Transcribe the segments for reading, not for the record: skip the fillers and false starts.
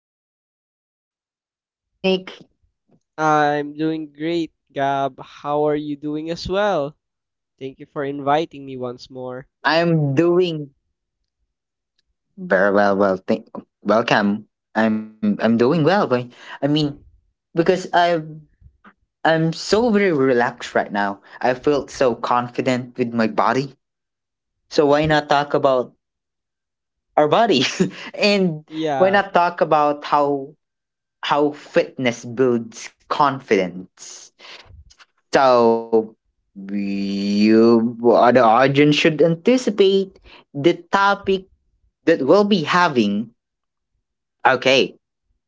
Meek. How are you doing, Meek? I'm doing great, Gab. How are you doing as well? Thank you for inviting me once more. I'm doing very well. Well, thank welcome. I'm doing well. But I mean, because I'm so very relaxed right now. I feel so confident with my body. So why not talk about our body? And why Yeah. not talk about how fitness builds confidence? So you, the audience should anticipate the topic that we'll be having. Okay,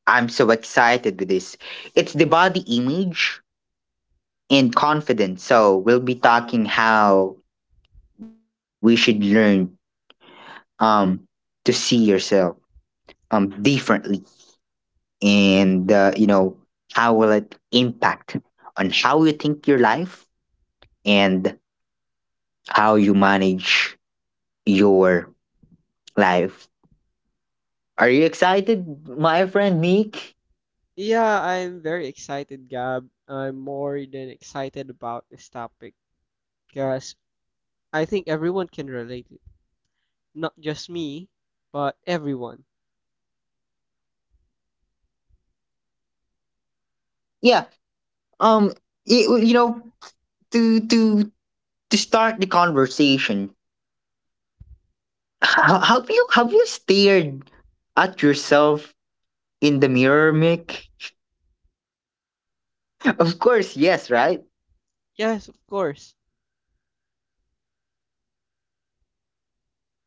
I'm so excited with this. It's the body image and confidence. So we'll be talking how we should learn um to see yourself differently and Hmm. you know how will it impact on how you think your life and how you manage your life. Are you excited, my friend Nick? Yeah, I'm very excited, Gab. I'm more than excited about this topic because I think everyone can relate it. Not just me, but everyone. Yeah. Um. You know, to to to start the conversation, have you stared at yourself in the mirror, Mick? Of course, yes, right. Yes, of course. And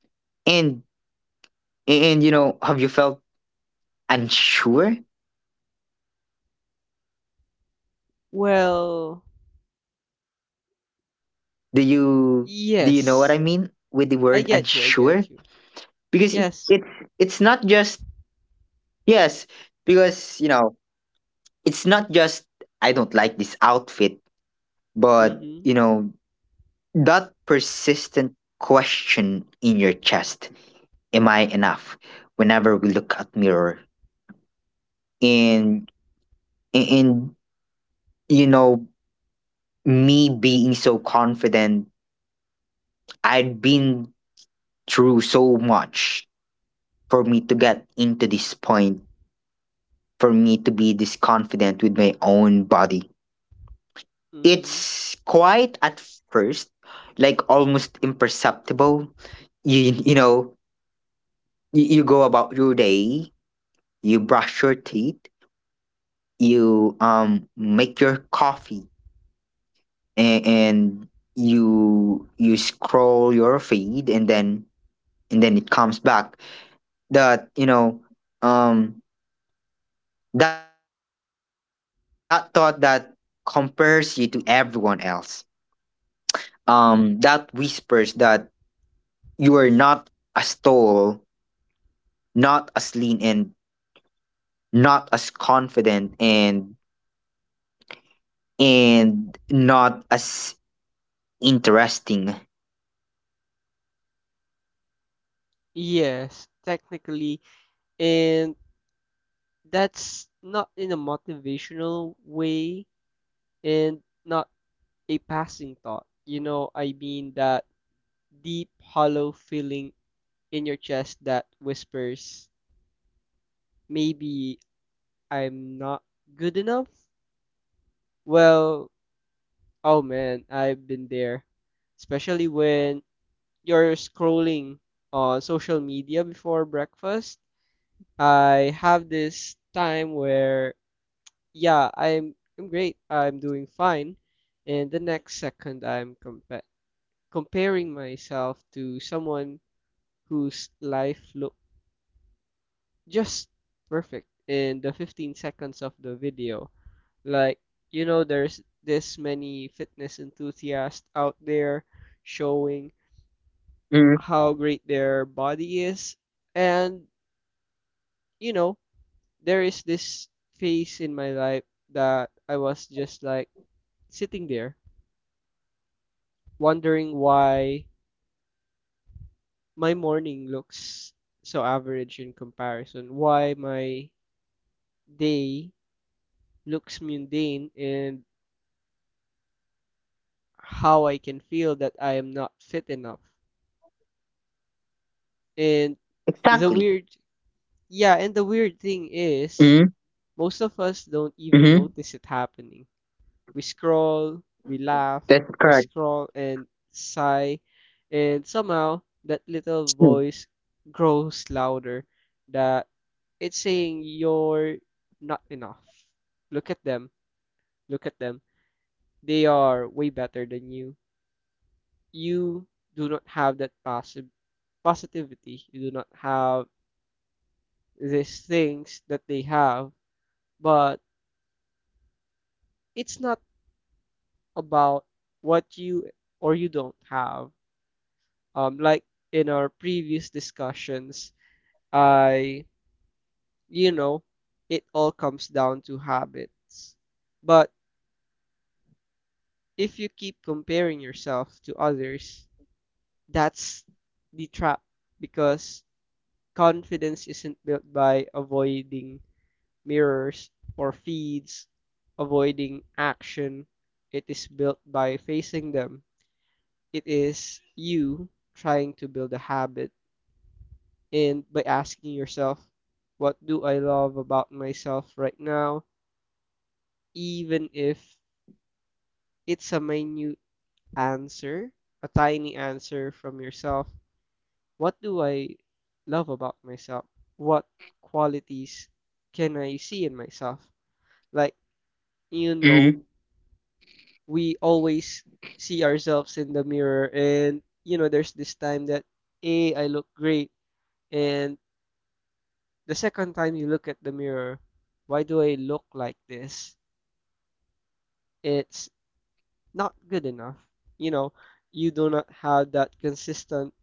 you know, have you felt unsure? Well, Do you know what I mean with the word unsure? yes. Because I get you, I get you. it's not just Yes. yes, because you know it's not just I don't like this outfit. But, you know, Mm-hmm. that persistent question in your chest, am I enough? Whenever we look at mirror and and you know, me being so confident, I'd been through so much for me to get into this point, for me to be this confident with my own body. Mm-hmm. It's quite at first like almost imperceptible, you know you, you go about your day, you brush your teeth, you make your coffee, and you scroll your feed, and then it comes back that you know, um that thought that compares you to everyone else, that whispers that you are not as tall, not as lean, and not as confident, and not as interesting. Yes, technically. And that's not in a motivational way and not a passing thought. You know, I mean that deep, hollow feeling in your chest that whispers, maybe I'm not good enough? Well, oh man, I've been there. Especially when you're scrolling on social media before breakfast. I have this time where, yeah, I'm great. I'm doing fine. And the next second, I'm comparing myself to someone whose life looked just perfect in the 15 seconds of the video. Like, you know, there's this many fitness enthusiasts out there showing Mm, how great their body is. And, you know, there is this phase in my life that I was just like sitting there wondering why my morning looks so average in comparison, why my day looks mundane, and how I can feel that I am not fit enough. And exactly. the weird, yeah, and the weird thing is, Mm, most of us don't even mm-hmm. notice it happening. We scroll, we laugh, That's we correct. scroll and sigh, and somehow that little Mm, voice grows louder that it's saying you're not enough. Look at them, look at them. They are way better than you. You do not have that passive positivity. You do not have these things that they have, but it's not about what you or you don't have. Like in our previous discussions, I, you know, it all comes down to habits. But if you keep comparing yourself to others, that's the trap because confidence isn't built by avoiding mirrors or feeds, avoiding action. It is built by facing them. It is you trying to build a habit and by asking yourself, what do I love about myself right now? Even if it's a minute answer, a tiny answer from yourself, what do I love about myself? What qualities can I see in myself? Like, you know, mm, we always see ourselves in the mirror, and you know there's this time that a I look great, and the second time you look at the mirror, why do I look like this? It's not good enough. You know, you do not have that consistent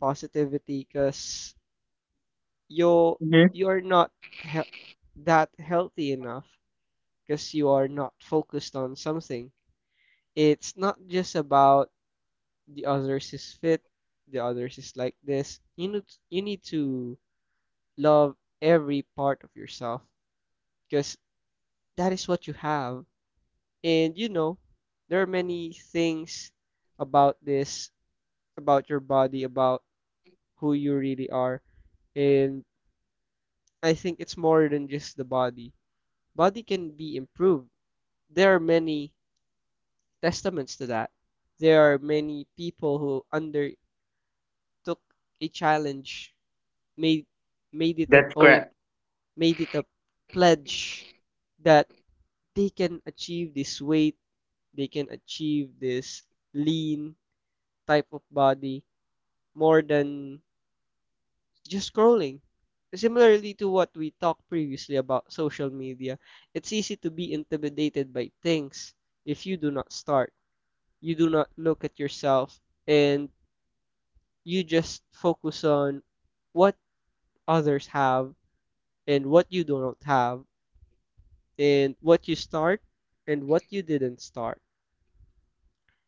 positivity because you hmm. you are not he- that healthy enough because you are not focused on something. It's not just about the others is fit, the others is like this. You need to love every part of yourself because that is what you have. And you know, there are many things about this about your body, about who you really are. And I think it's more than just the body. Body can be improved. There are many testaments to that. There are many people who undertook a challenge, made made it an That's oath, correct. made it a pledge that they can achieve this weight, they can achieve this lean type of body more than just scrolling. Similarly to what we talked previously about social media, it's easy to be intimidated by things if you do not start. You do not look at yourself and you just focus on what others have and what you do not have and what you start and what you didn't start.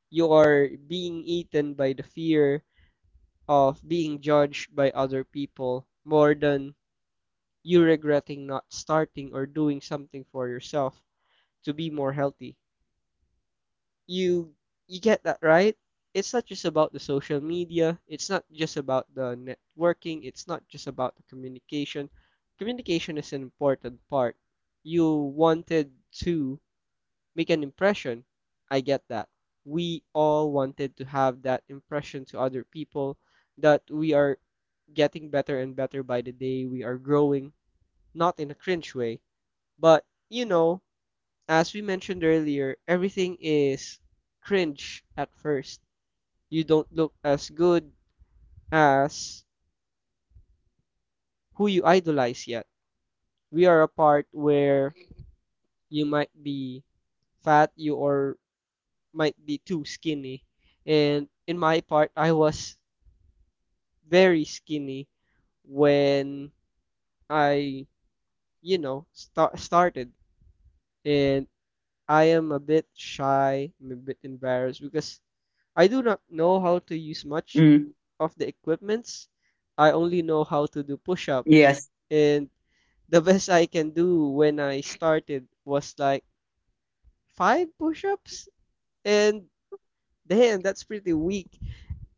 You are being eaten by the fear of being judged by other people more than you regretting not starting or doing something for yourself to be more healthy. You you get that, right? It's not just about the social media, it's not just about the networking, it's not just about the communication. Communication is an important part. You wanted to make an impression. I get that. We all wanted to have that impression to other people that we are getting better and better by the day. We are growing, not in a cringe way, but, you know, as we mentioned earlier, everything is cringe at first. You don't look as good as who you idolize yet. We are a part where you might be fat, you or might be too skinny. And in my part, I was very skinny when I, you know, started. And I am a bit shy, I'm a bit embarrassed because I do not know how to use Mm, much of the equipments. I only know how to do push-ups. yes. And the best I can do when I started was like five push-ups. And damn, that's pretty weak.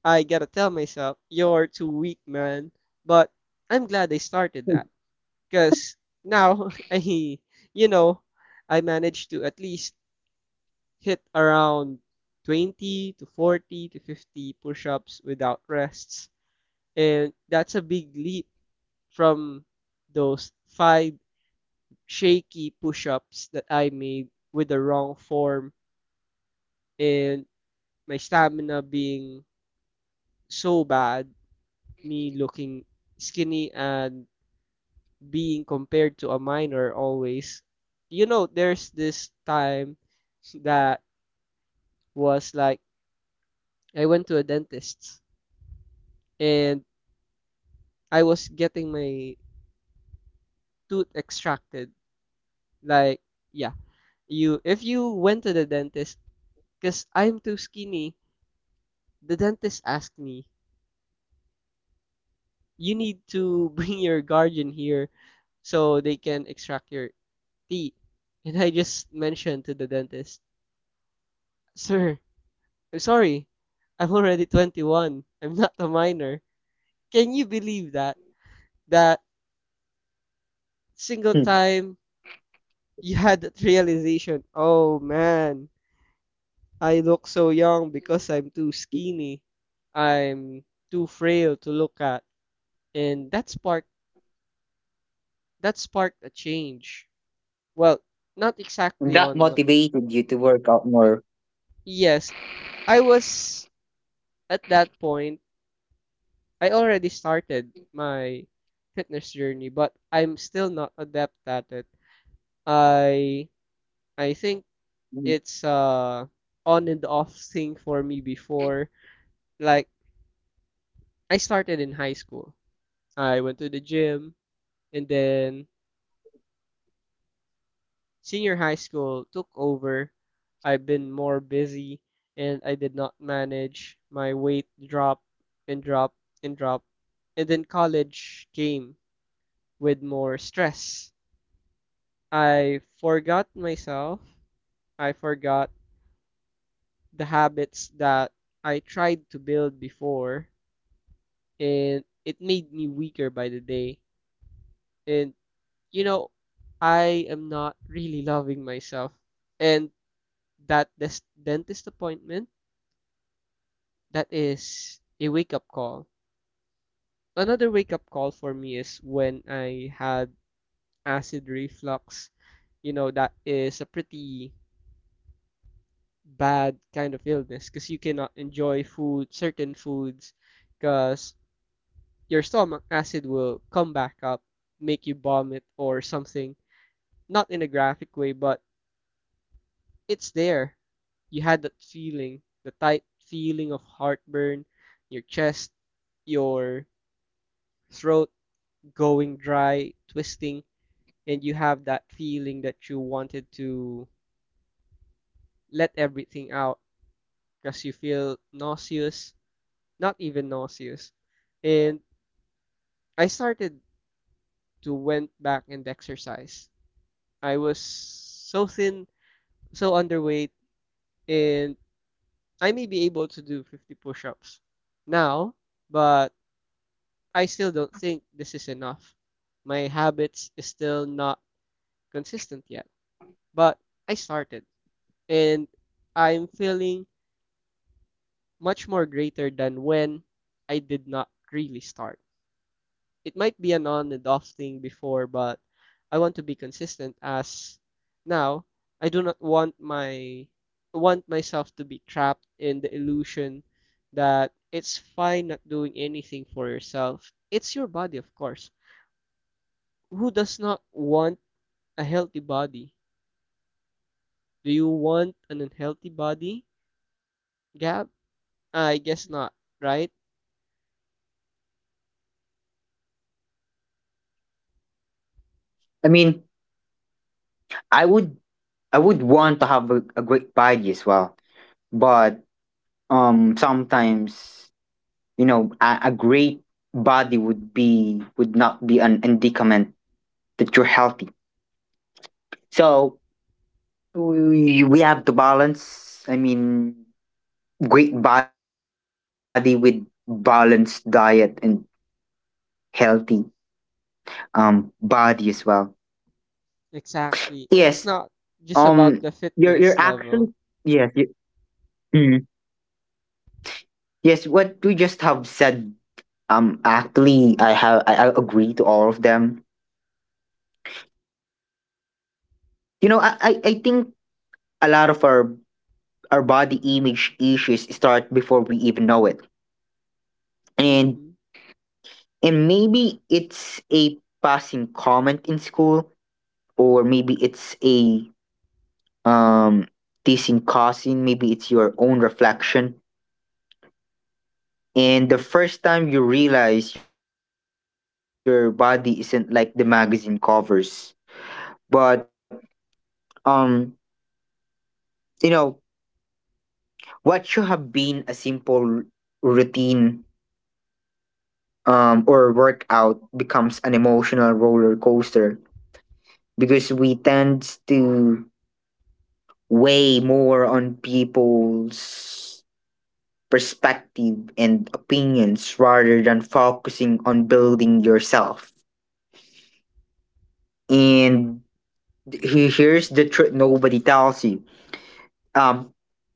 I gotta tell myself, you're too weak, man. But I'm glad I started that. Cause now you know, I managed to at least hit around 20 to 40 to 50 push-ups without rests. And that's a big leap from those five shaky push ups that I made with the wrong form and my stamina being so bad, me looking skinny and being compared to a minor always. You know, there's this time that was like I went to a dentist and I was getting my tooth extracted. Like, yeah, you if you went to the dentist. Because I'm too skinny. The dentist asked me, you need to bring your guardian here so they can extract your teeth. And I just mentioned to the dentist, Sir, I'm sorry. I'm already 21. I'm not a minor. Can you believe that? That single Mm. time you had that realization, oh man, I look so young because I'm too skinny. I'm too frail to look at. And that sparked That sparked a change. Well, not exactly That on, my- motivated you to work out more. Yes, I was at that point. I already started my fitness journey, but I'm still not adept at it. I I think Mm. it's on and off thing for me before. Like I started in high school. I went to the gym and then Senior high school took over. I've been more busy and I did not manage. My weight dropped and dropped and dropped. And then college came with more stress. I forgot myself. I forgot the habits that I tried to build before and it made me weaker by the day. And you know, I am not really loving myself. And that dentist appointment that is a wake up call. Another wake up call for me is when I had acid reflux. You know, that is a pretty bad kind of illness because you cannot enjoy food, certain foods, because your stomach acid will come back up, make you vomit or something. Not in a graphic way, but it's there. You had that feeling, the tight feeling of heartburn, your chest, your throat going dry, twisting, and you have that feeling that you wanted to let everything out because you feel nauseous, not even nauseous. And I started to went back and exercise. I was so thin, so underweight, and I may be able to do 50 push-ups now, but I still don't think this is enough. My habits is still not consistent yet, but I started. And I'm feeling much more greater than when I did not really start. It might be an on and off thing before, but I want to be consistent as now I do not want my want myself to be trapped in the illusion that it's fine not doing anything for yourself. It's your body, of course. Who does not want a healthy body? Do you want an unhealthy body, Gab? I guess not, right? I mean, I would I would want to have a great body as well. But sometimes, you know, a great body would be would not be an indicament that you're healthy. So we have to balance. I mean, great body with balanced diet and healthy body as well. Yes. Exactly. It's not Um. just about the You're fitness actually level. yes. You, mm, yes. What we just have said. Actually, I agree to all of them. You know, I think a lot of our body image issues start before we even know it, and Mm-hmm. Maybe it's a passing comment in school, or maybe it's a um teasing cousin, maybe it's your own reflection and the first time you realize your body isn't like the magazine covers. But um you know, what should have been a simple routine or workout becomes an emotional roller coaster because we tend to weigh more on people's perspective and opinions rather than focusing on building yourself. And here's the truth nobody tells you. Um,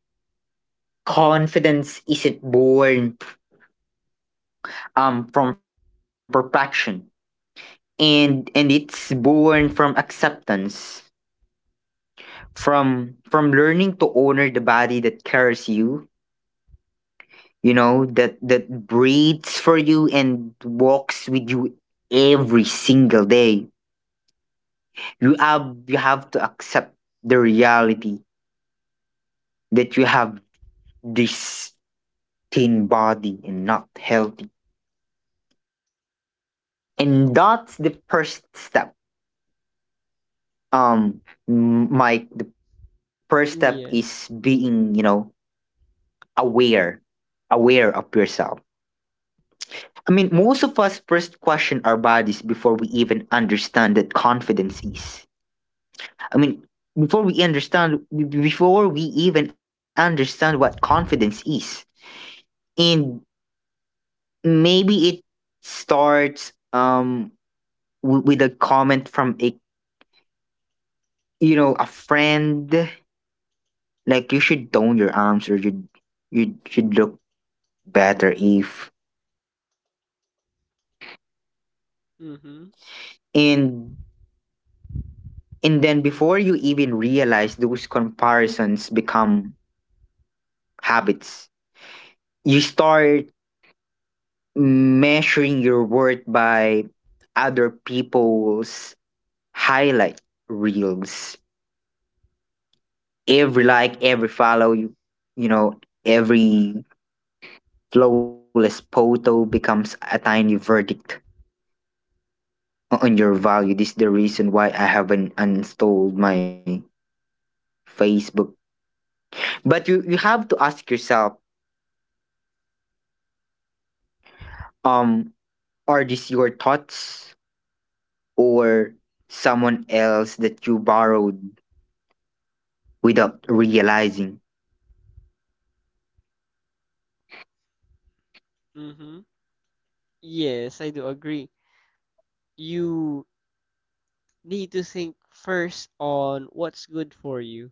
Confidence isn't born from perfection, and it's born from acceptance, from learning to honor the body that carries you, you know, that breathes for you and walks with you every single day. You have you have to accept the reality that you have this thin body and not healthy, and that's the first step. um Mike, the first step is being, you know, Yes. aware, aware of yourself. I mean, most of us first question our bodies before we even understand that confidence is, I mean, before we understand before we even understand what confidence is. And maybe it starts with a comment from a, you know, a friend, like you should tone your arms, or you should look better if. Mm-hmm. And then before you even realize those comparisons become habits. You start measuring your worth by other people's highlight reels. Every like, every follow, you know, every flawless photo becomes a tiny verdict on your value. This is the reason why I haven't uninstalled my Facebook. But you have to ask yourself, um, are these your thoughts or someone else that you borrowed without realizing? Mm-hmm. Yes, I do agree. You need to think first on what's good for you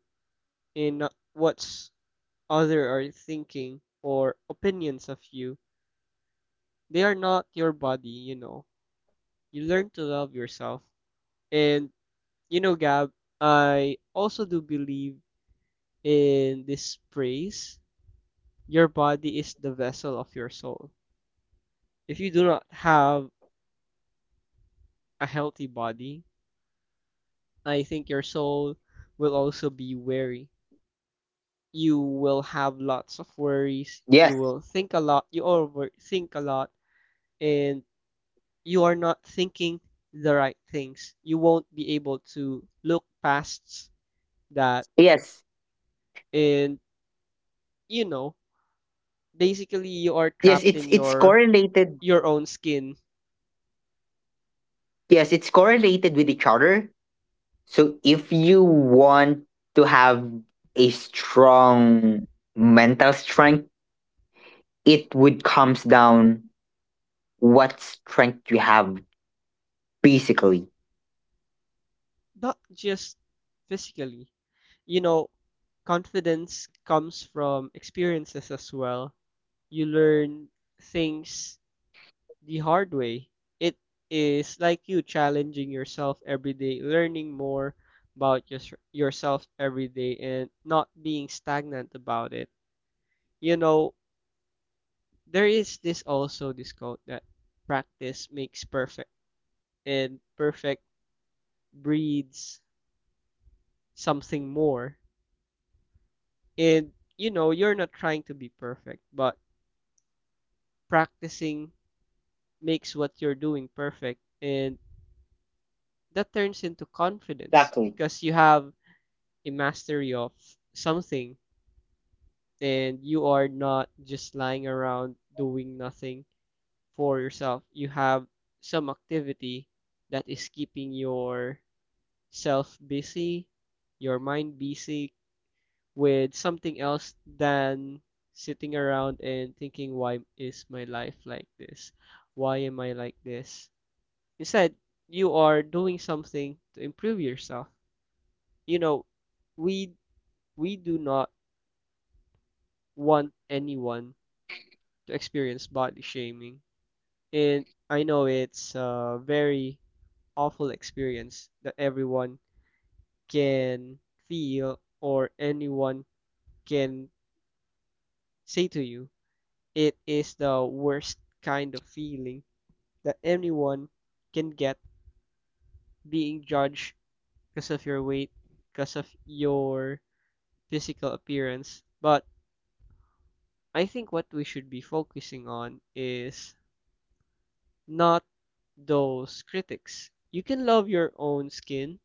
and not what's other are thinking or opinions of you. They are not your body, you know. You learn to love yourself. And you know, Gab, I also do believe in this praise. Your body is the vessel of your soul. If you do not have a healthy body, I think your soul will also be weary. You will have lots of Yes. worries. You will think a lot. You overthink a lot, and you are not thinking the right things. You won't be able to look past that, Yes. and you know, basically you are Yes, trapped in it's your correlated. your own skin Yes, it's correlated with each other. So if you want to have a strong mental strength, it would comes down what strength you have basically. not just physically. You know, confidence comes from experiences as well. You learn things the hard way. It is like you challenging yourself every day, learning more about yourself every day, and not being stagnant about it. You know, there is this also this quote that practice makes perfect, and perfect breeds something more. And you know, you're not trying to be perfect, but practicing makes what you're doing perfect and that turns into Exactly. confidence because you have a mastery of something and you are not just lying around doing nothing for yourself. You have some activity that is keeping yourself busy, your mind busy, with something else than sitting around and thinking, why is my life like this? Why am I like this? Instead, you are doing something to improve yourself. You know, we we do not want anyone to experience body shaming. And I know it's a very awful experience that everyone can feel or anyone can say to you. It is the worst kind of feeling that anyone can get, being judged because of your weight, because of your physical appearance. But I think what we should be focusing on is not those critics. You can love your own skin.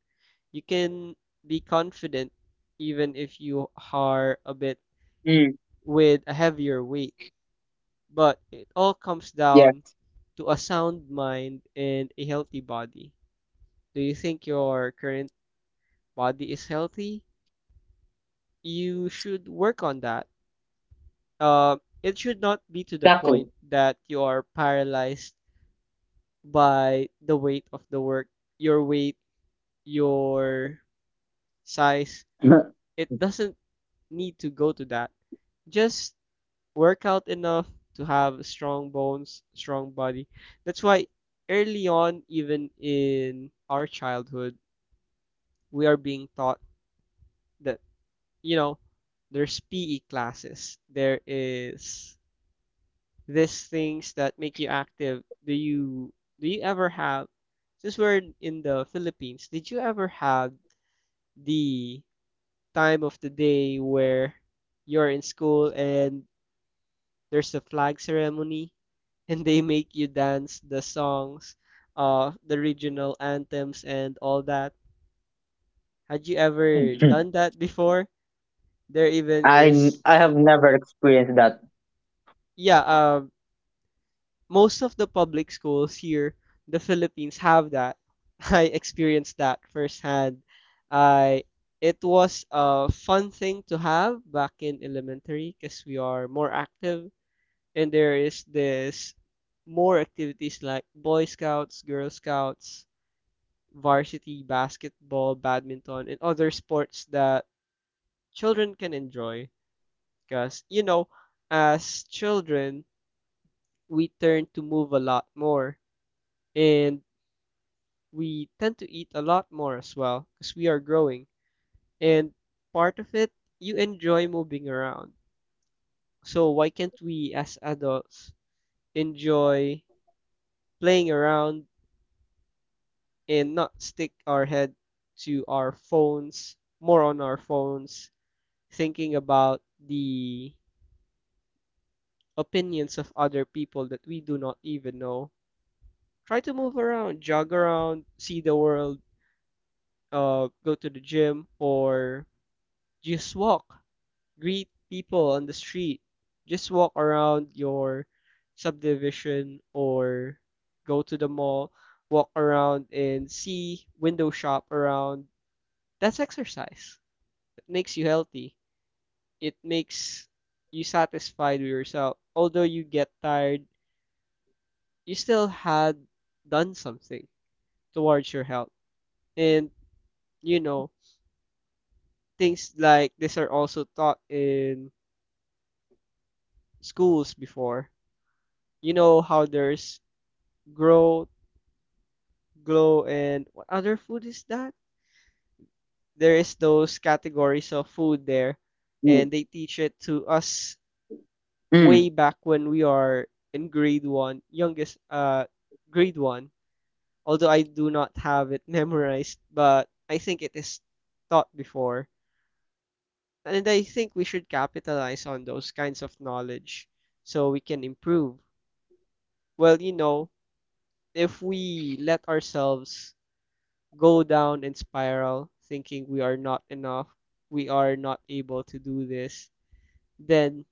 You can be confident even if you are a bit Mm, with a heavier weight. But it all comes yeah, down to a sound mind and a healthy body. Do you think your current body is healthy? You should work on that. Uh, it should not be to the exactly. point that you are paralyzed by the weight of the work, your weight, your size. It doesn't need to go to that. Just work out enough to have strong bones, strong body. That's why early on, even in our childhood, we are being taught that you know, there's PE classes. There is these things that make you active. Do you ever have, since we're in the Philippines, did you ever have the time of the day where you're in school and there's the flag ceremony and they make you dance the songs, the regional anthems, and all that? Had you ever Mhm. done that before? There even is I have never experienced that. Yeah. Most of the public schools here, in the Philippines, have that. I experienced that firsthand. I It was a fun thing to have back in elementary because we are more active, and there is this more activities like Boy Scouts, Girl Scouts, varsity basketball, badminton, and other sports that children can enjoy. Because, as children, we turn to move a lot more. And we tend to eat a lot more as well because we are growing. And part of it, you enjoy moving around. So why can't we as adults enjoy playing around and not stick our head to our phones, more on our phones, thinking about the opinions of other people that we do not even know? Try to move around, jog around, see the world, go to the gym, or just walk, greet people on the street. Just walk around your subdivision, or go to the mall, walk around and see, window shop around. That's exercise. It makes you healthy. It makes you satisfied with yourself. Although you get tired, you still had done something towards your health. And you know, things like this are also taught in schools before. You know how there's growth, glow, and what other food is that? There is those categories of food Mm, there, and they teach it to us mm, way back when we are in grade one, youngest, grade one. Although I do not have it memorized, but I think it is taught before. And I think we should capitalize on those kinds of knowledge so we can improve. Well, if we let ourselves go down and spiral, thinking we are not enough, we are not able to do this, then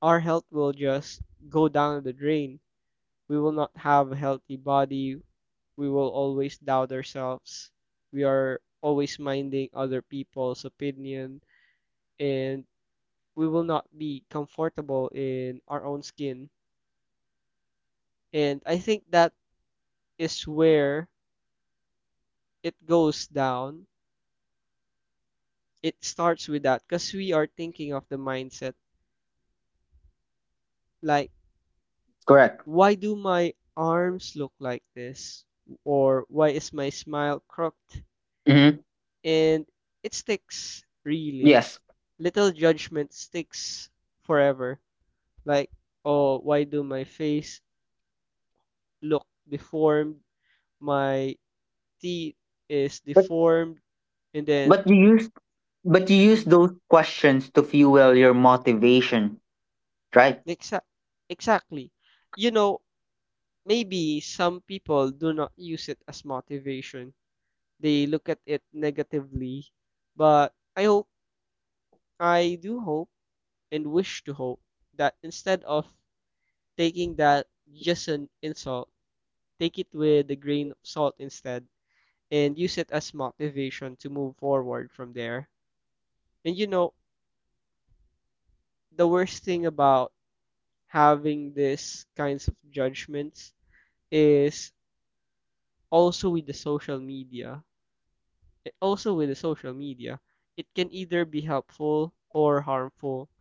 our health will just go down the drain. We will not have a healthy body. We will always doubt ourselves. We are always minding other people's opinion, and we will not be comfortable in our own skin. And I think that is where it goes down. It starts with that because we are thinking of the mindset like, correct. why do my arms look like this? Or why is my smile crooked? Hmm. And it sticks, Yes, really. Little judgment sticks forever. Like, oh, why do my face look deformed? My teeth is but deformed. And then, but you use but you use mm-hmm, those questions to fuel your motivation, right? exa- exactly. You know, maybe some people do not use it as motivation. They look at it negatively, but I hope, I do hope and wish to hope, that instead of taking that just an insult, take it with a grain of salt instead and use it as motivation to move forward from there. And the worst thing about having these kinds of judgments is also with the social media. Also with the social media, it can either be helpful or harmful,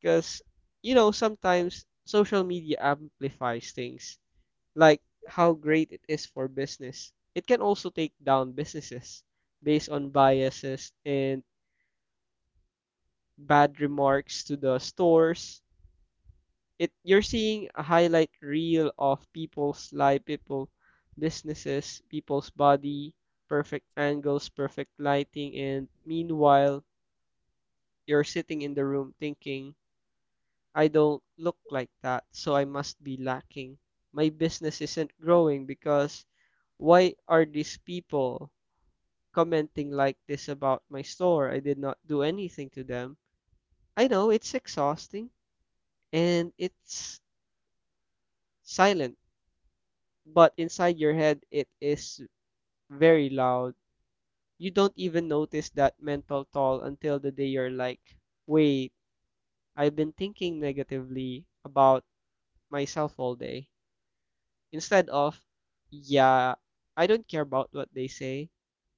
because sometimes social media amplifies things like how great it is for business. It can also take down businesses based on biases and bad remarks to the stores. It You're seeing a highlight reel of people's life, people, businesses, people's body, perfect angles, perfect lighting, and meanwhile you're sitting in the room thinking, I don't look like that, so I must be lacking. My business isn't growing because, why are these people commenting like this about my store? I did not do anything to them. I know it's exhausting, and it's silent, but inside your head it is very loud. You don't even notice that mental toll until the day you're like, wait, I've been thinking negatively about myself all day. Instead of, yeah, I don't care about what they say.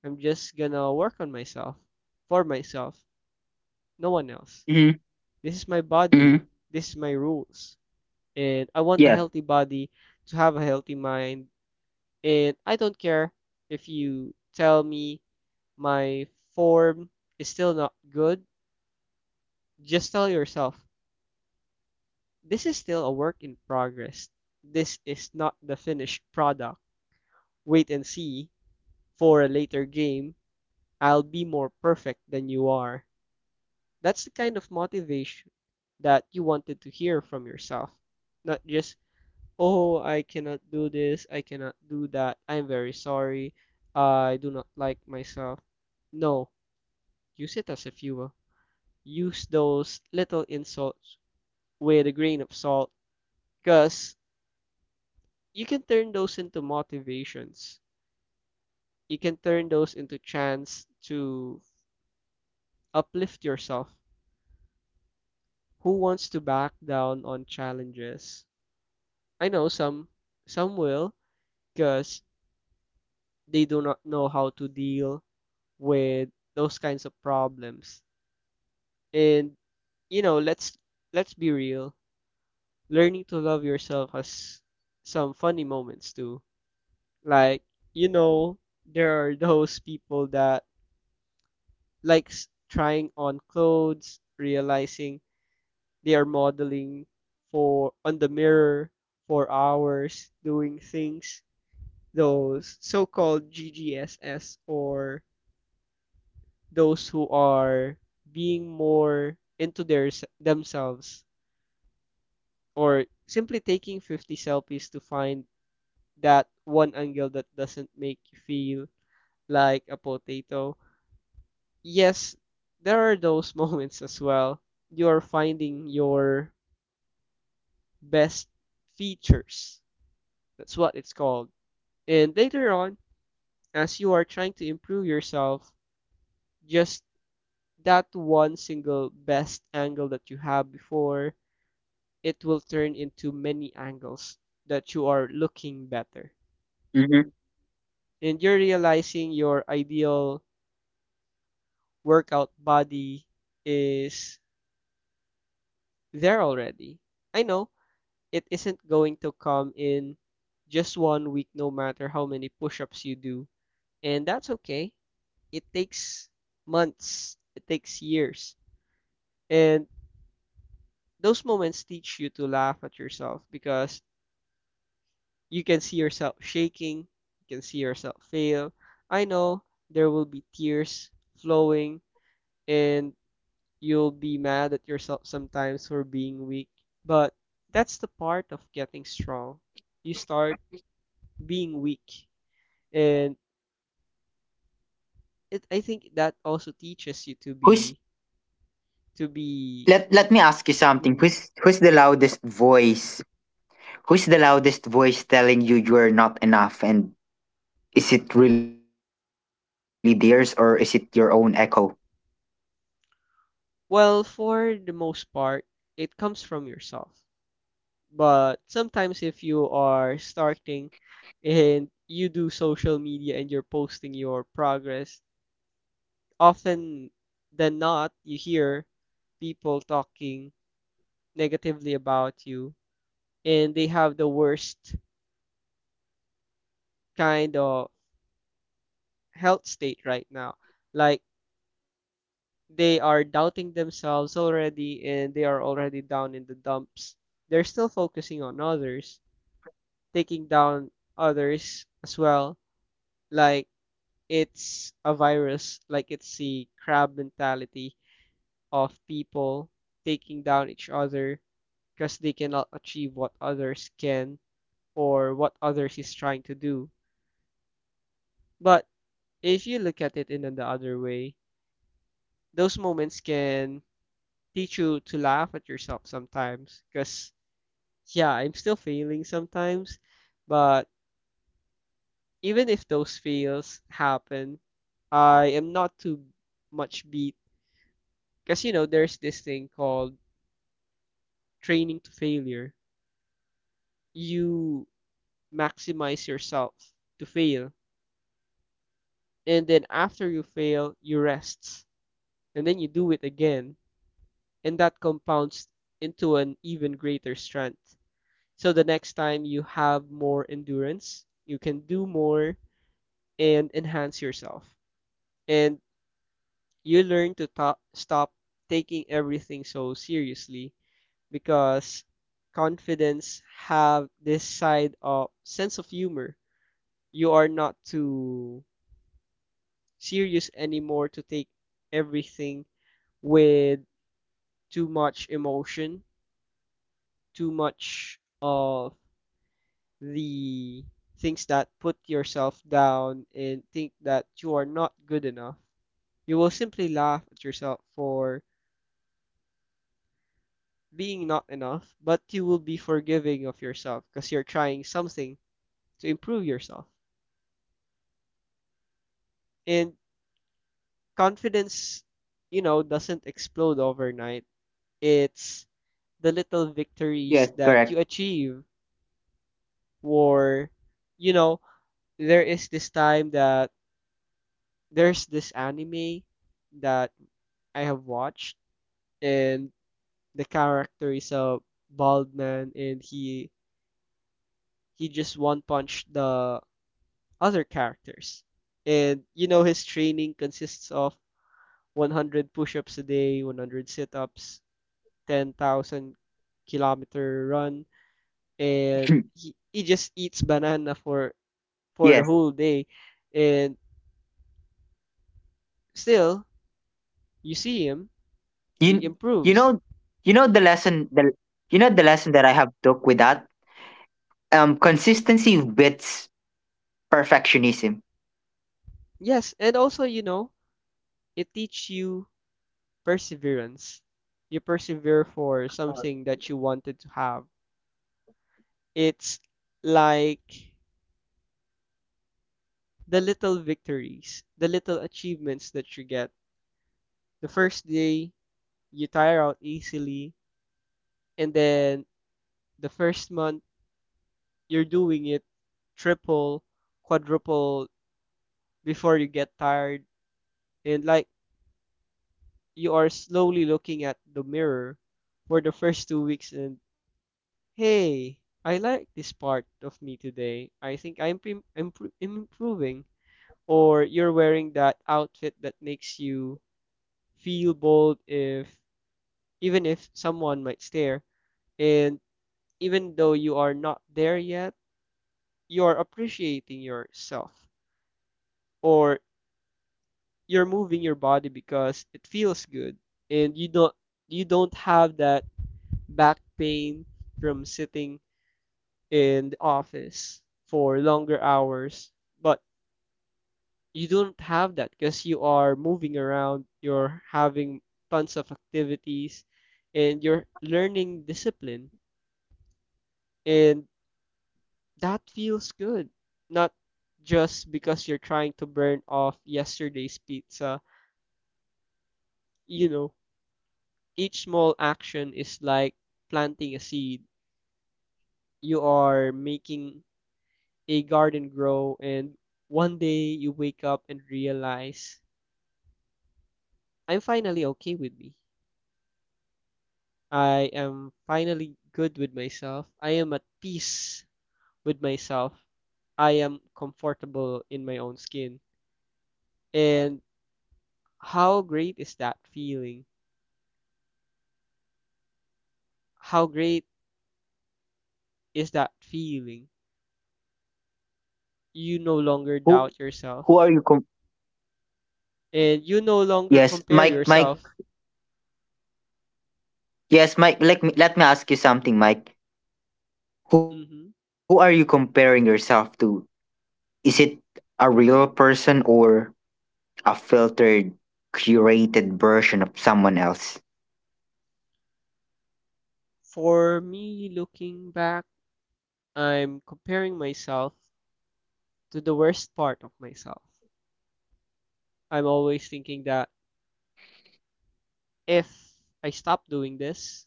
I'm just gonna work on myself, for myself, no one Mm-hmm. else. This is my Mm-hmm. body, this is my rules, and I Yes. want a healthy body to have a healthy mind. And I don't care if you tell me my form is still not good, just tell yourself, this is still a work in progress. This is not the finished product. Wait and see for a later game. I'll be more perfect than you are. That's the kind of motivation that you wanted to hear from yourself. Not just, oh, I cannot do this, I cannot do that, I'm very sorry, I do not like myself. No, use it as a fuel. Use those little insults with a grain of salt, because you can turn those into motivations. You can turn those into chance to uplift yourself. Who wants to back down on challenges? I know some will, because they do not know how to deal with those kinds of problems. And you know, let's let's be real. Learning to love yourself has some funny moments too. Like, you know, there are those people that likes trying on clothes, realizing they are modeling for on the mirror for hours, doing things, those so-called GGSS, or those who are being more into their themselves, or simply taking 50 selfies to find that one angle that doesn't make you feel like a potato. Yes, there are those moments as well. You're finding your best features. That's what it's called. And later on, as you are trying to improve yourself, just that one single best angle that you have before, it will turn into many angles that you are looking better. Mm-hmm. And you're realizing your ideal workout body is there already. I know it isn't going to come in just one week, no matter how many push ups you do. And that's okay. It takes months, it takes years. And those moments teach you to laugh at yourself, because you can see yourself shaking, you can see yourself fail. I know there will be tears flowing, and you'll be mad at yourself sometimes for being weak, but that's the part of getting strong. You start being weak, and it I think that also teaches you to Who's be, to be Let let me ask you something. mhm. Who's the loudest voice? Who's the loudest voice telling you you're not enough? And is it really theirs or is it your own echo? Well, for the most part it comes from yourself. But sometimes, if you are starting and you do social media and you're posting your progress, often than not, you hear people talking negatively about you, and they have the worst kind of health state right now. Like, they are doubting themselves already and they are already down in the dumps. They're still focusing on others, taking down others as well. Like it's a virus, like it's the crab mentality of people taking down each other because they cannot achieve what others can, or what others is trying to do. But if you look at it in the other way, those moments can teach you to laugh at yourself sometimes because, yeah, I'm still failing sometimes, but even if those fails happen, I am not too much beat, because there's this thing called training to failure, you maximize yourself to fail. And then after you fail, you rest. And then you do it again. And that compounds into an even greater strength. So the next time you have more endurance, you can do more and enhance yourself. And you learn to stop taking everything so seriously, because confidence have this side of sense of humor. You are not too serious anymore to take everything with too much emotion, too much of the things that put yourself down and think that you are not good enough. You will simply laugh at yourself for being not enough, but you will be forgiving of yourself because you're trying something to improve yourself. And confidence, doesn't explode overnight. It's the little victories Yes, that you correct. achieve. Or you know there is this time that there's this anime that I have watched, and the character is a bald man, and he just one punched the other characters. And you know his training consists of 100 push-ups a day, 100 sit-ups, 10,000 kilometer run, and he just eats yes. banana for the whole day, and still you see You him, you know he you know the improves. lesson the you know the lesson that I have took with that? Consistency beats perfectionism. Yes, and also you know it teach you perseverance. You persevere for something that you wanted to have. It's like the little victories, the little achievements that you get. The first day you tire out easily, and then the first month you're doing it triple, quadruple before you get tired. And like you are slowly looking at the mirror for the first two weeks and hey, I like this part of me today, I think I'm improving. Or you're wearing that outfit that makes you feel bold, if even if someone might stare, and even though you are not there yet, you are appreciating yourself. Or you're moving your body because it feels good, and you don't have that back pain from sitting in the office for longer hours. But you don't have that because you are moving around, you're having tons of activities, and you're learning discipline, and that feels good, not just because you're trying to burn off yesterday's pizza, you know Each small action is like planting a seed. You are making a garden grow, and one day you wake up and realize I'm finally okay with me. I am finally good with myself. I am at peace with myself. I am comfortable in my own skin. And how great is that feeling? How great is that feeling? You no longer Who doubt yourself who and you no longer Yes, compare Mike yourself. yes, Mike, let me ask you something, Mike. Who are you Hmm. comparing yourself to? Is it a real person or a filtered, curated version of someone else? For me, looking back, I'm comparing myself to the worst part of myself. I'm always thinking that if I stop doing this,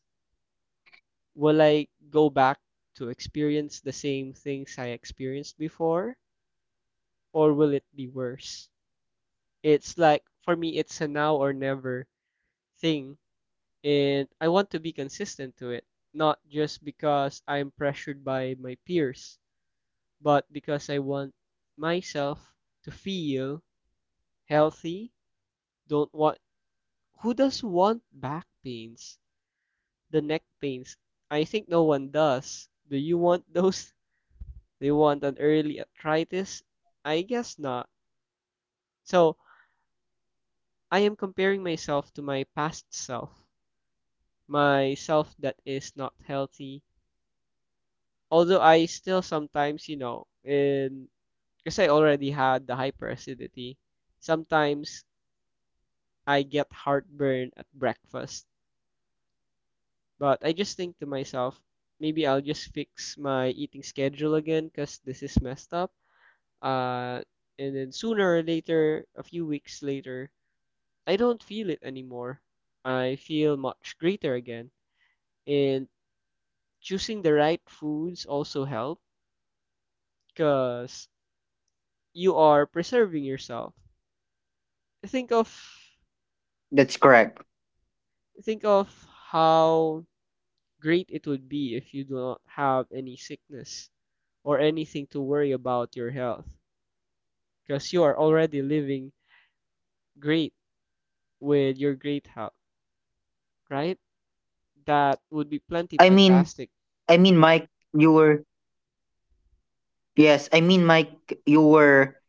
will I go back to experience the same things I experienced before, or will it be worse? It's like, for me, it's a now or never thing, and I want to be consistent to it, not just because I'm pressured by my peers, but because I want myself to feel healthy. Don't want, who does want back pains? The neck pains. I think no one does. Do you want those? Do you want an early arthritis? I guess not. So, I am comparing myself to my past self, my self that is not healthy. Although I still sometimes, in because I already had the hyperacidity, sometimes I get heartburn at breakfast. But I just think to myself, maybe I'll just fix my eating schedule again because this is messed up. Uh, and then sooner or later, a few weeks later, I don't feel it anymore. I feel much greater again. And choosing the right foods also help because you are preserving yourself. Think of That's correct. think of how great it would be if you do not have any sickness or anything to worry about your health, because you are already living great with your great health, right? That would be I plenty mean, fantastic. Mike, you were, yes, I mean, Mike, you were,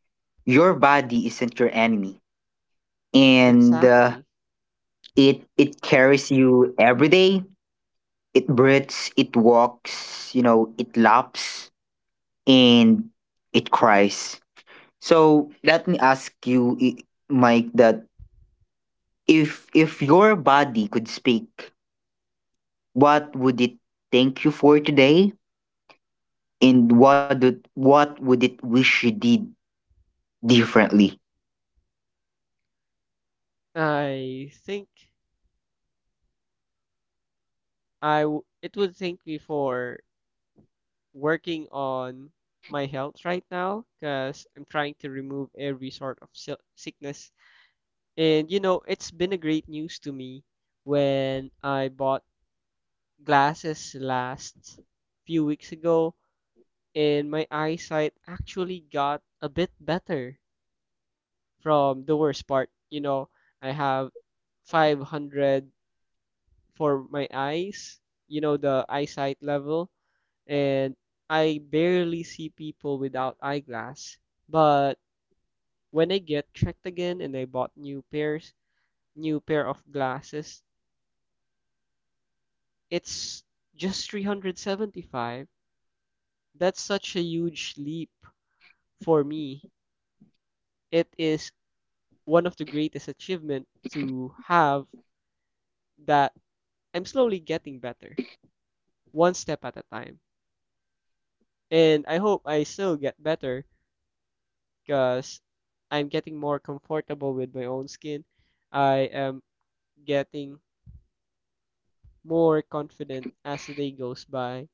your body isn't your enemy. And Exactly. it, it carries you every day. It breathes, it walks, you know, it laps, and it cries. So let me ask you, Mike, that if your body could speak, what would it thank you for today? And what would it wish you did differently? I think I w it would thank me for working on my health right now because I'm trying to remove every sort of sickness. And you know, it's been a great news to me when I bought glasses last few weeks ago, and my eyesight actually got a bit better from the worst part. You know, I have 500 for my eyes, you know, the eyesight level, and I barely see people without eyeglass. But when I get checked again and I bought new pairs, new pair of glasses, it's just 375. That's such a huge leap for me. It is one of the greatest achievement to have that I'm slowly getting better, one step at a time. And I hope I still get better because I'm getting more comfortable with my own skin. I am getting more confident as the day goes by.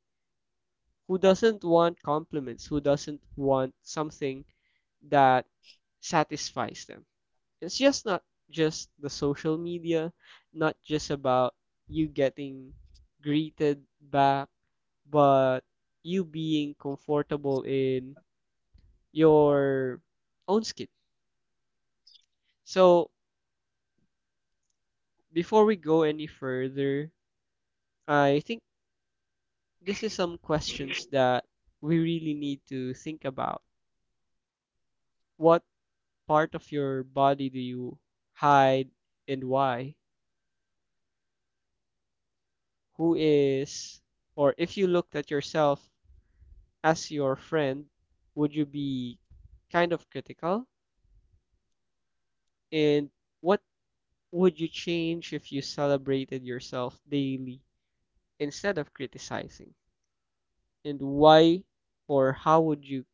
Who doesn't want compliments? Who doesn't want something that satisfies them? It's just not just the social media, not just about you getting greeted back, but you being comfortable in your own skin. So before we go any further, I think this is some questions that we really need to think about. What part of your body do you hide and why? Who is, or if you looked at yourself as your friend, would you be kind of critical? And what would you change if you celebrated yourself daily instead of criticizing? And why, or how would you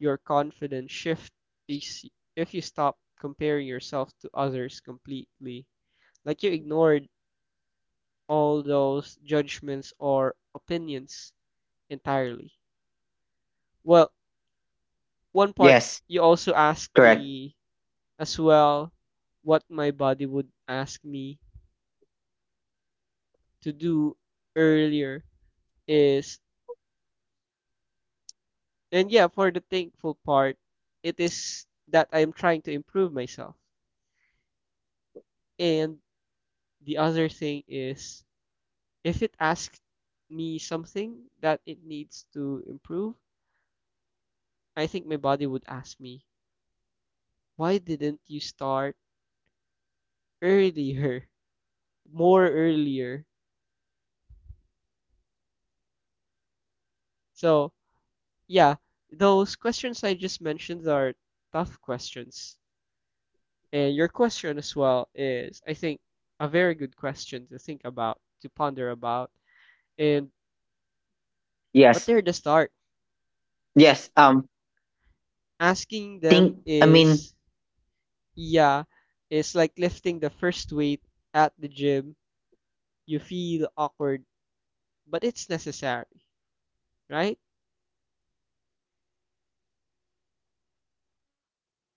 your confidence shift is if you stop comparing yourself to others completely, like you ignored all those judgments or opinions entirely. Well, one part, Yes, you also asked correct. me as well what my body would ask me to do earlier is, and yeah, for the thankful part, it is that I am trying to improve myself. And the other thing is, if it asks me something that it needs to improve, I think my body would ask me, "Why didn't you start earlier? More earlier?" So, yeah, those questions I just mentioned are tough questions. And your question as well is, I think, a very good question to think about, to ponder about. And but Yes. they're the start. Yes. Asking them Think I mean, is, yeah, it's like lifting the first weight at the gym. You feel awkward, but it's necessary, right?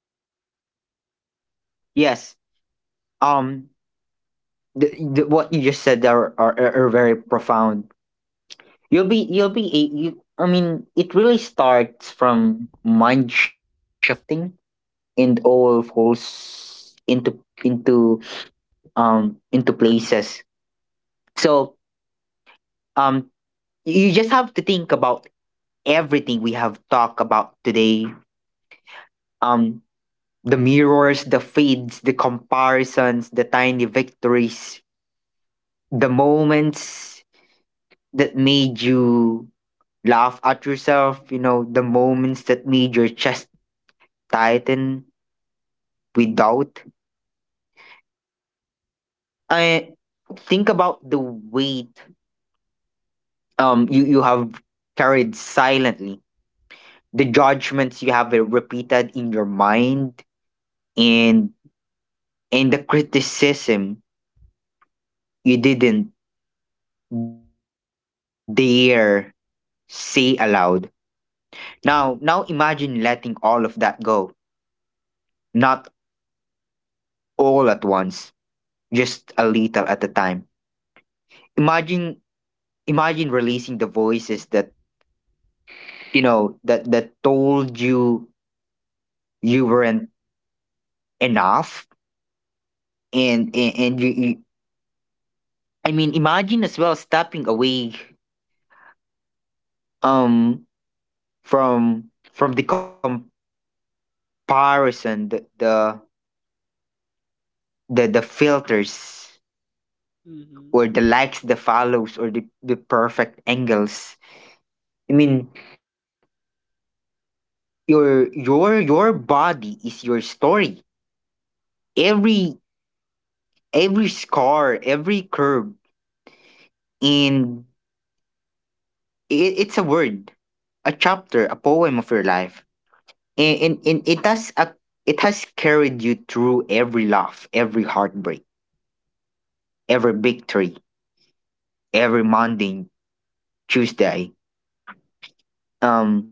yes. Um the what you just said are very profound. You'll be a You, I mean, it really starts from mind shifting and all falls into into into places. So um you just have to think about everything we have talked about today. Um the mirrors, the fades, the comparisons, the tiny victories, the moments that made you laugh at yourself, you know, the moments that made your chest tighten with doubt. I think about the weight, you, you have carried silently, the judgments you have repeated in your mind, and the criticism you didn't dare say aloud. Now, imagine letting all of that go, not all at once, just a little at a time. Imagine, releasing the voices that you know, that told you you weren't enough. And you, you I mean, imagine as well stepping away um from the comparison, the filters, Mm-hmm. or the likes, the follows, or the perfect angles. I mean, your body is your story. every every scar, every curve, and it, it's a word, a chapter, a poem of your life. And, it has a, it has carried you through every laugh, every heartbreak, every victory, every Monday, Tuesday. um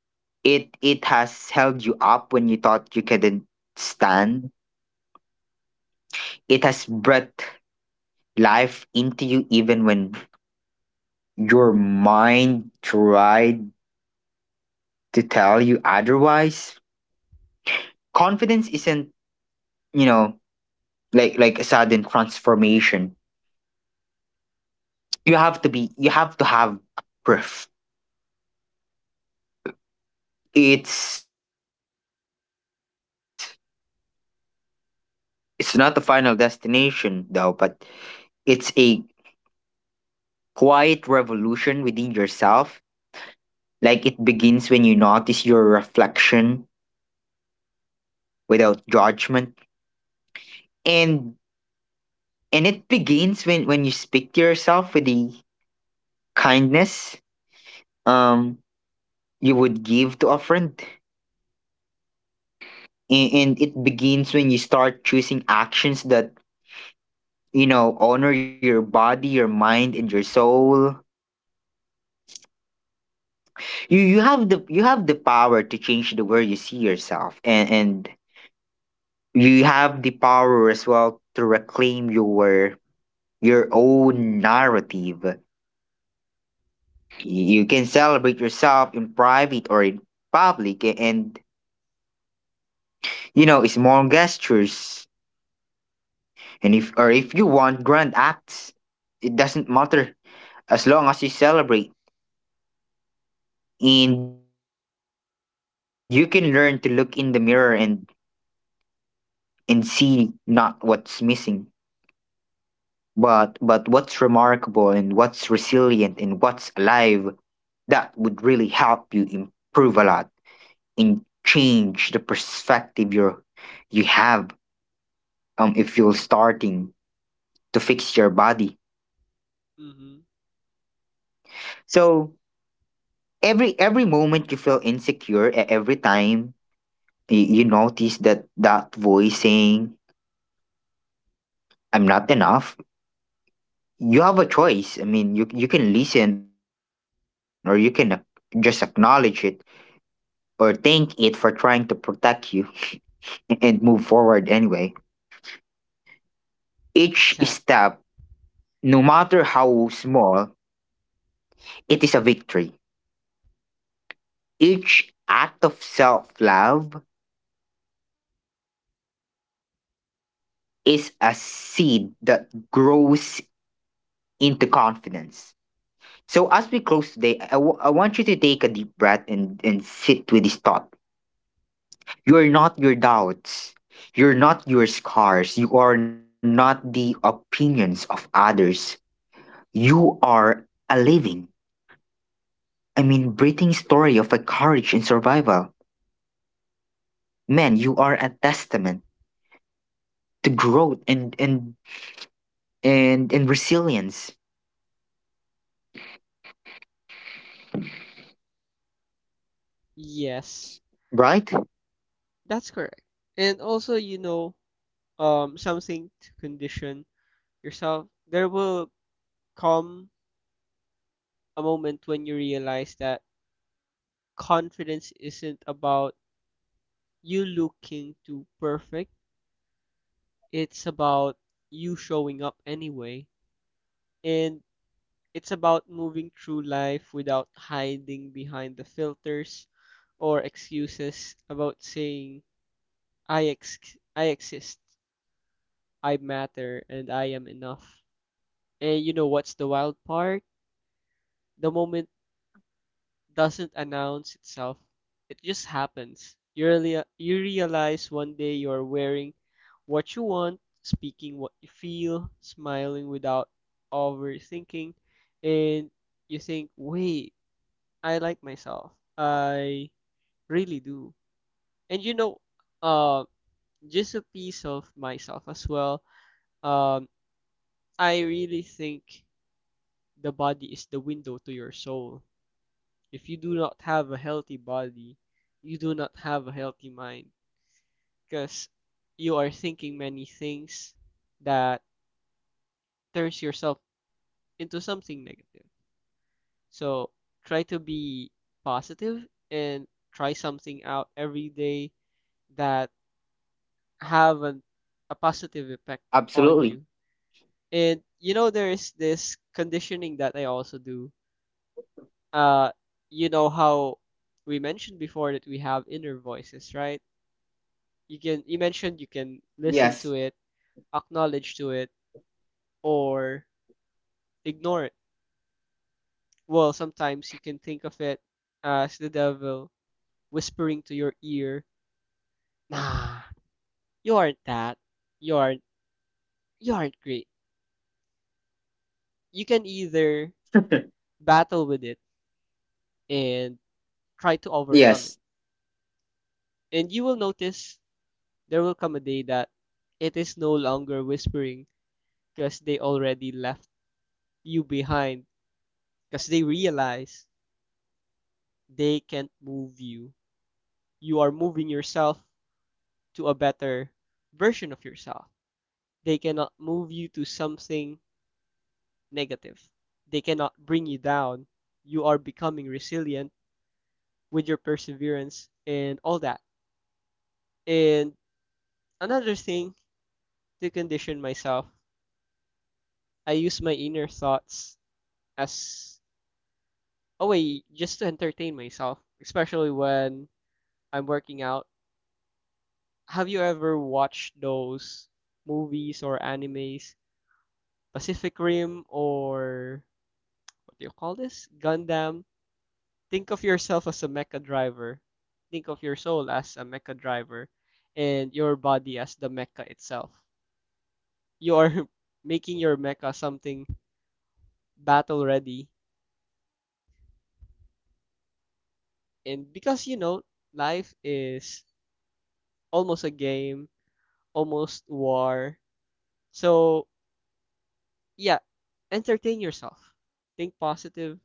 It has held you up when you thought you couldn't stand. It has breathed life into you even when your mind tried to tell you otherwise. Confidence isn't, you know, like a sudden transformation. You have to have a proof. It's it's not the final destination though, but it's a quiet revolution within yourself. Like it begins when you notice your reflection without judgment. And it begins when you speak to yourself with the kindness um you would give to a friend. And, it begins when you start choosing actions that you know honor your body, your mind and your soul. You have the power to change the way you see yourself, and you have the power as well to reclaim your own narrative. You can celebrate yourself in private or in public, and you know, small gestures, and if or if you want grand acts, it doesn't matter as long as you celebrate. And you can learn to look in the mirror and see not what's missing, but what's remarkable, and what's resilient, and what's alive. That would really help you improve a lot and change the perspective you're you have if you're starting to fix your body. Mm-hmm. So every moment you feel insecure, every time you notice that voice saying I'm not enough, you have a choice. I mean, you can listen, or you can just acknowledge it, or thank it for trying to protect you, and move forward anyway. Each step, Exactly. no matter how small, it is a victory. Each act of self love is a seed that grows into confidence. So, as we close today, I want you to take a deep breath and, sit with this thought. You are not your doubts. You're not your scars. You are not the opinions of others. You are a living, I mean, breathing story of a courage and survival. Man, you are a testament to growth, and, and resilience. Yes, Right? that's correct. And also, something to condition yourself. There will come a moment when you realize that confidence isn't about you looking too perfect. It's about you showing up anyway. And it's about moving through life without hiding behind the filters or excuses, about saying, I exist, I matter, and I am enough. And you know what's the wild part? The moment doesn't announce itself, it just happens. You realize one day you're wearing what you want, speaking what you feel, smiling without overthinking, and you think, wait, I like myself. I really do. And uh, just a piece of myself as well. Um, I really think the body is the window to your soul. If you do not have a healthy body, you do not have a healthy mind because you are thinking many things that turns yourself into something negative. So try to be positive and try something out every day that have an, a positive effect Absolutely. on you. And you know, there is this conditioning that I also do. Uh, you know how we mentioned before that we have inner voices, right? You mentioned you can listen to Yes. it, acknowledge to it, or ignore it. Well, sometimes you can think of it as the devil whispering to your ear, "Nah, you aren't that. You aren't you aren't great." You can either battle with it and try to overcome it. Yes. And you will notice there will come a day that it is no longer whispering because they already left you behind because they realize they can't move you. You are moving yourself to a better version of yourself. They cannot move you to something negative. They cannot bring you down. You are becoming resilient with your perseverance and all that. And another thing, to condition myself, I use my inner thoughts as a way just to entertain myself, especially when I'm working out. Have you ever watched those movies or animes, Pacific Rim or what do you call this? Gundam. Think of yourself as a mecha driver. Think of your soul as a mecha driver and your body as the mecha itself. You are making your mecha something battle ready. And because you know, life is almost a game, almost war. So yeah, entertain yourself. Think positive,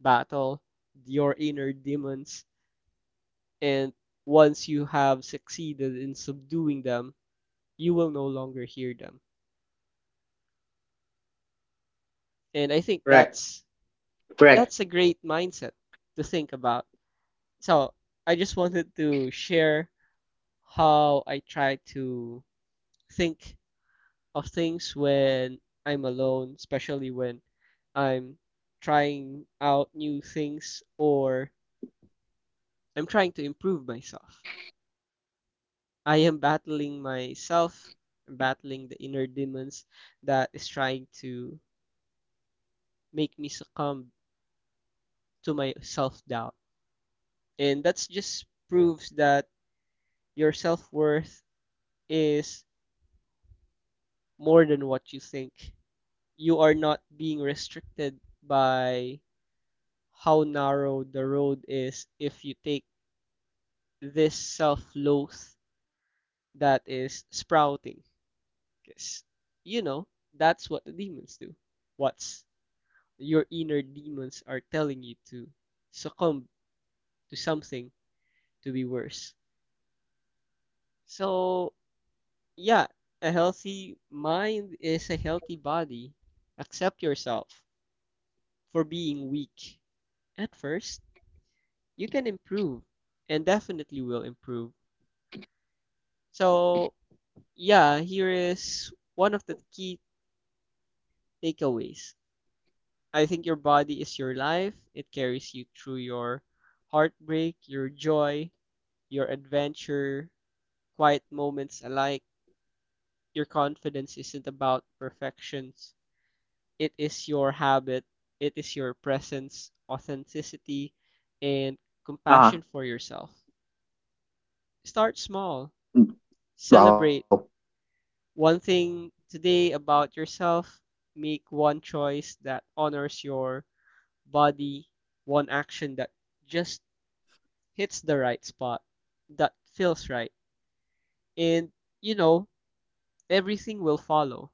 battle your inner demons, and once you have succeeded in subduing them, you will no longer hear them. And I think Correct. that's Correct. that's a great mindset to think about. So I just wanted to share how I try to think of things when I'm alone, especially when I'm trying out new things or I'm trying to improve myself. I am battling myself, I'm battling the inner demons that is trying to make me succumb to my self doubt. And that's just proves that your self worth is more than what you think. You are not being restricted by how narrow the road is if you take this self loath that is sprouting. Because, you know, that's what the demons do. What's your inner demons are telling you to succumb to something, to be worse. So, yeah, a healthy mind is a healthy body. Accept yourself for being weak. At first, you can improve and definitely will improve. So, yeah, here is one of the key takeaways. I think your body is your life. It carries you through your heartbreak, your joy, your adventure, quiet moments alike. Your confidence isn't about perfections. It is your habit. It is your presence, authenticity, and compassion Ah. for yourself. Start small. Wow. Celebrate one thing today about yourself. Make one choice that honors your body, one action that just hits the right spot, that feels right. And, you know, everything will follow.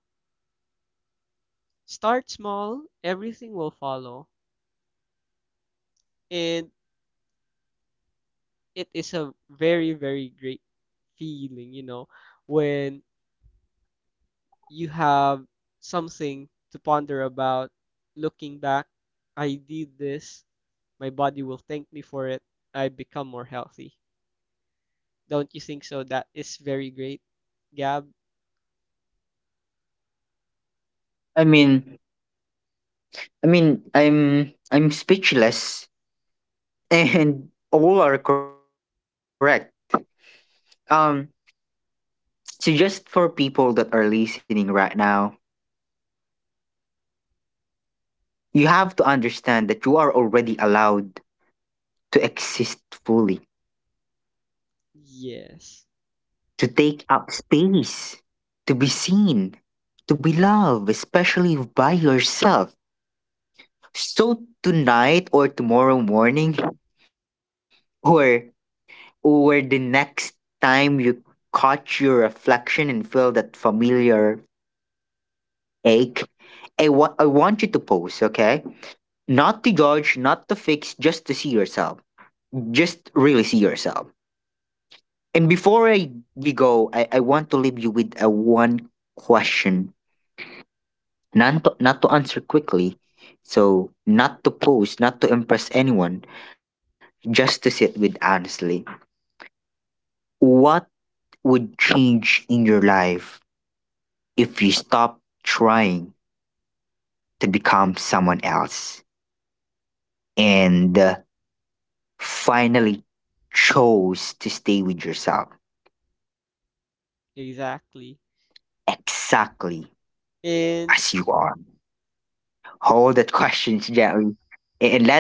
Start small, everything will follow. And it is a very, very great feeling, you know, when you have something to ponder about. Looking back, I did this. My body will thank me for it. I become more healthy. Don't you think so? That is very great, Gab. I mean I mean, I'm speechless and all are correct. Um so just for people that are listening right now, you have to understand that you are already allowed to exist fully, Yes, to take up space, to be seen, to be loved, especially by yourself. So tonight or tomorrow morning or Or the next time you catch your reflection and feel that familiar ache, I want you to pose, okay? Not to judge, not to fix, just to see yourself. Just really see yourself. And before I you go, I want to leave you with a one question. Not to, answer quickly. So not to pose, not to impress anyone, just to sit with honestly. What would change in your life if you stop trying to become someone else and finally chose to stay with yourself exactly. exactly as you are? And Hold that question gently, and let it take if it needs to.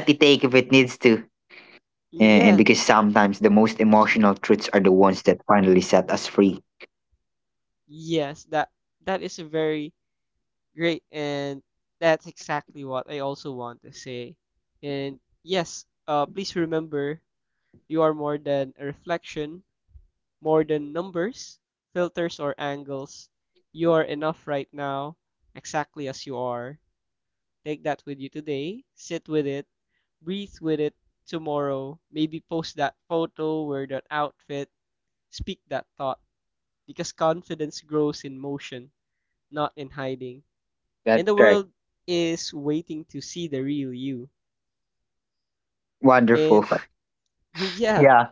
And because sometimes the yeah, most emotional truths are the ones that finally set us free. yes, that that is a very great. And that's exactly what I also want to say. And yes, please remember, you are more than a reflection, more than numbers, filters, or angles. You are enough right now, exactly as you are. Take that with you today, sit with it, breathe with it. Tomorrow, maybe post that photo, wear that outfit, speak that thought, because confidence grows in motion, not in hiding, and That's the correct. world is waiting to see the real you. Wonderful. And yeah, Yeah.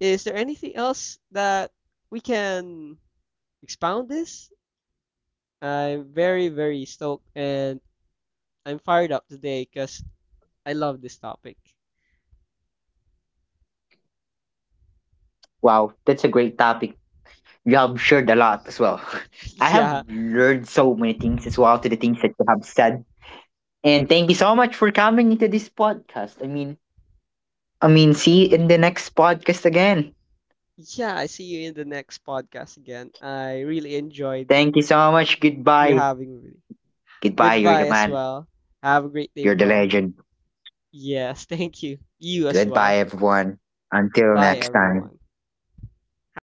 is there anything else that we can expound this? I'm very, very stoked and I'm fired up today because I love this topic. Wow. That's a great topic. You have shared a lot as well. I have learned Yeah, so many things as well to the things that you have said. And thank you so much for coming into this podcast. See you in the next podcast again. yeah, I see you in the next podcast again. I really enjoyed Thank you so much. you Goodbye. having me. Goodbye. You're the Goodbye as man. well. Have a great day, You're the bro. legend. Yes, thank you. You as Goodbye, well. everyone. Until Bye, next time. everyone. Have a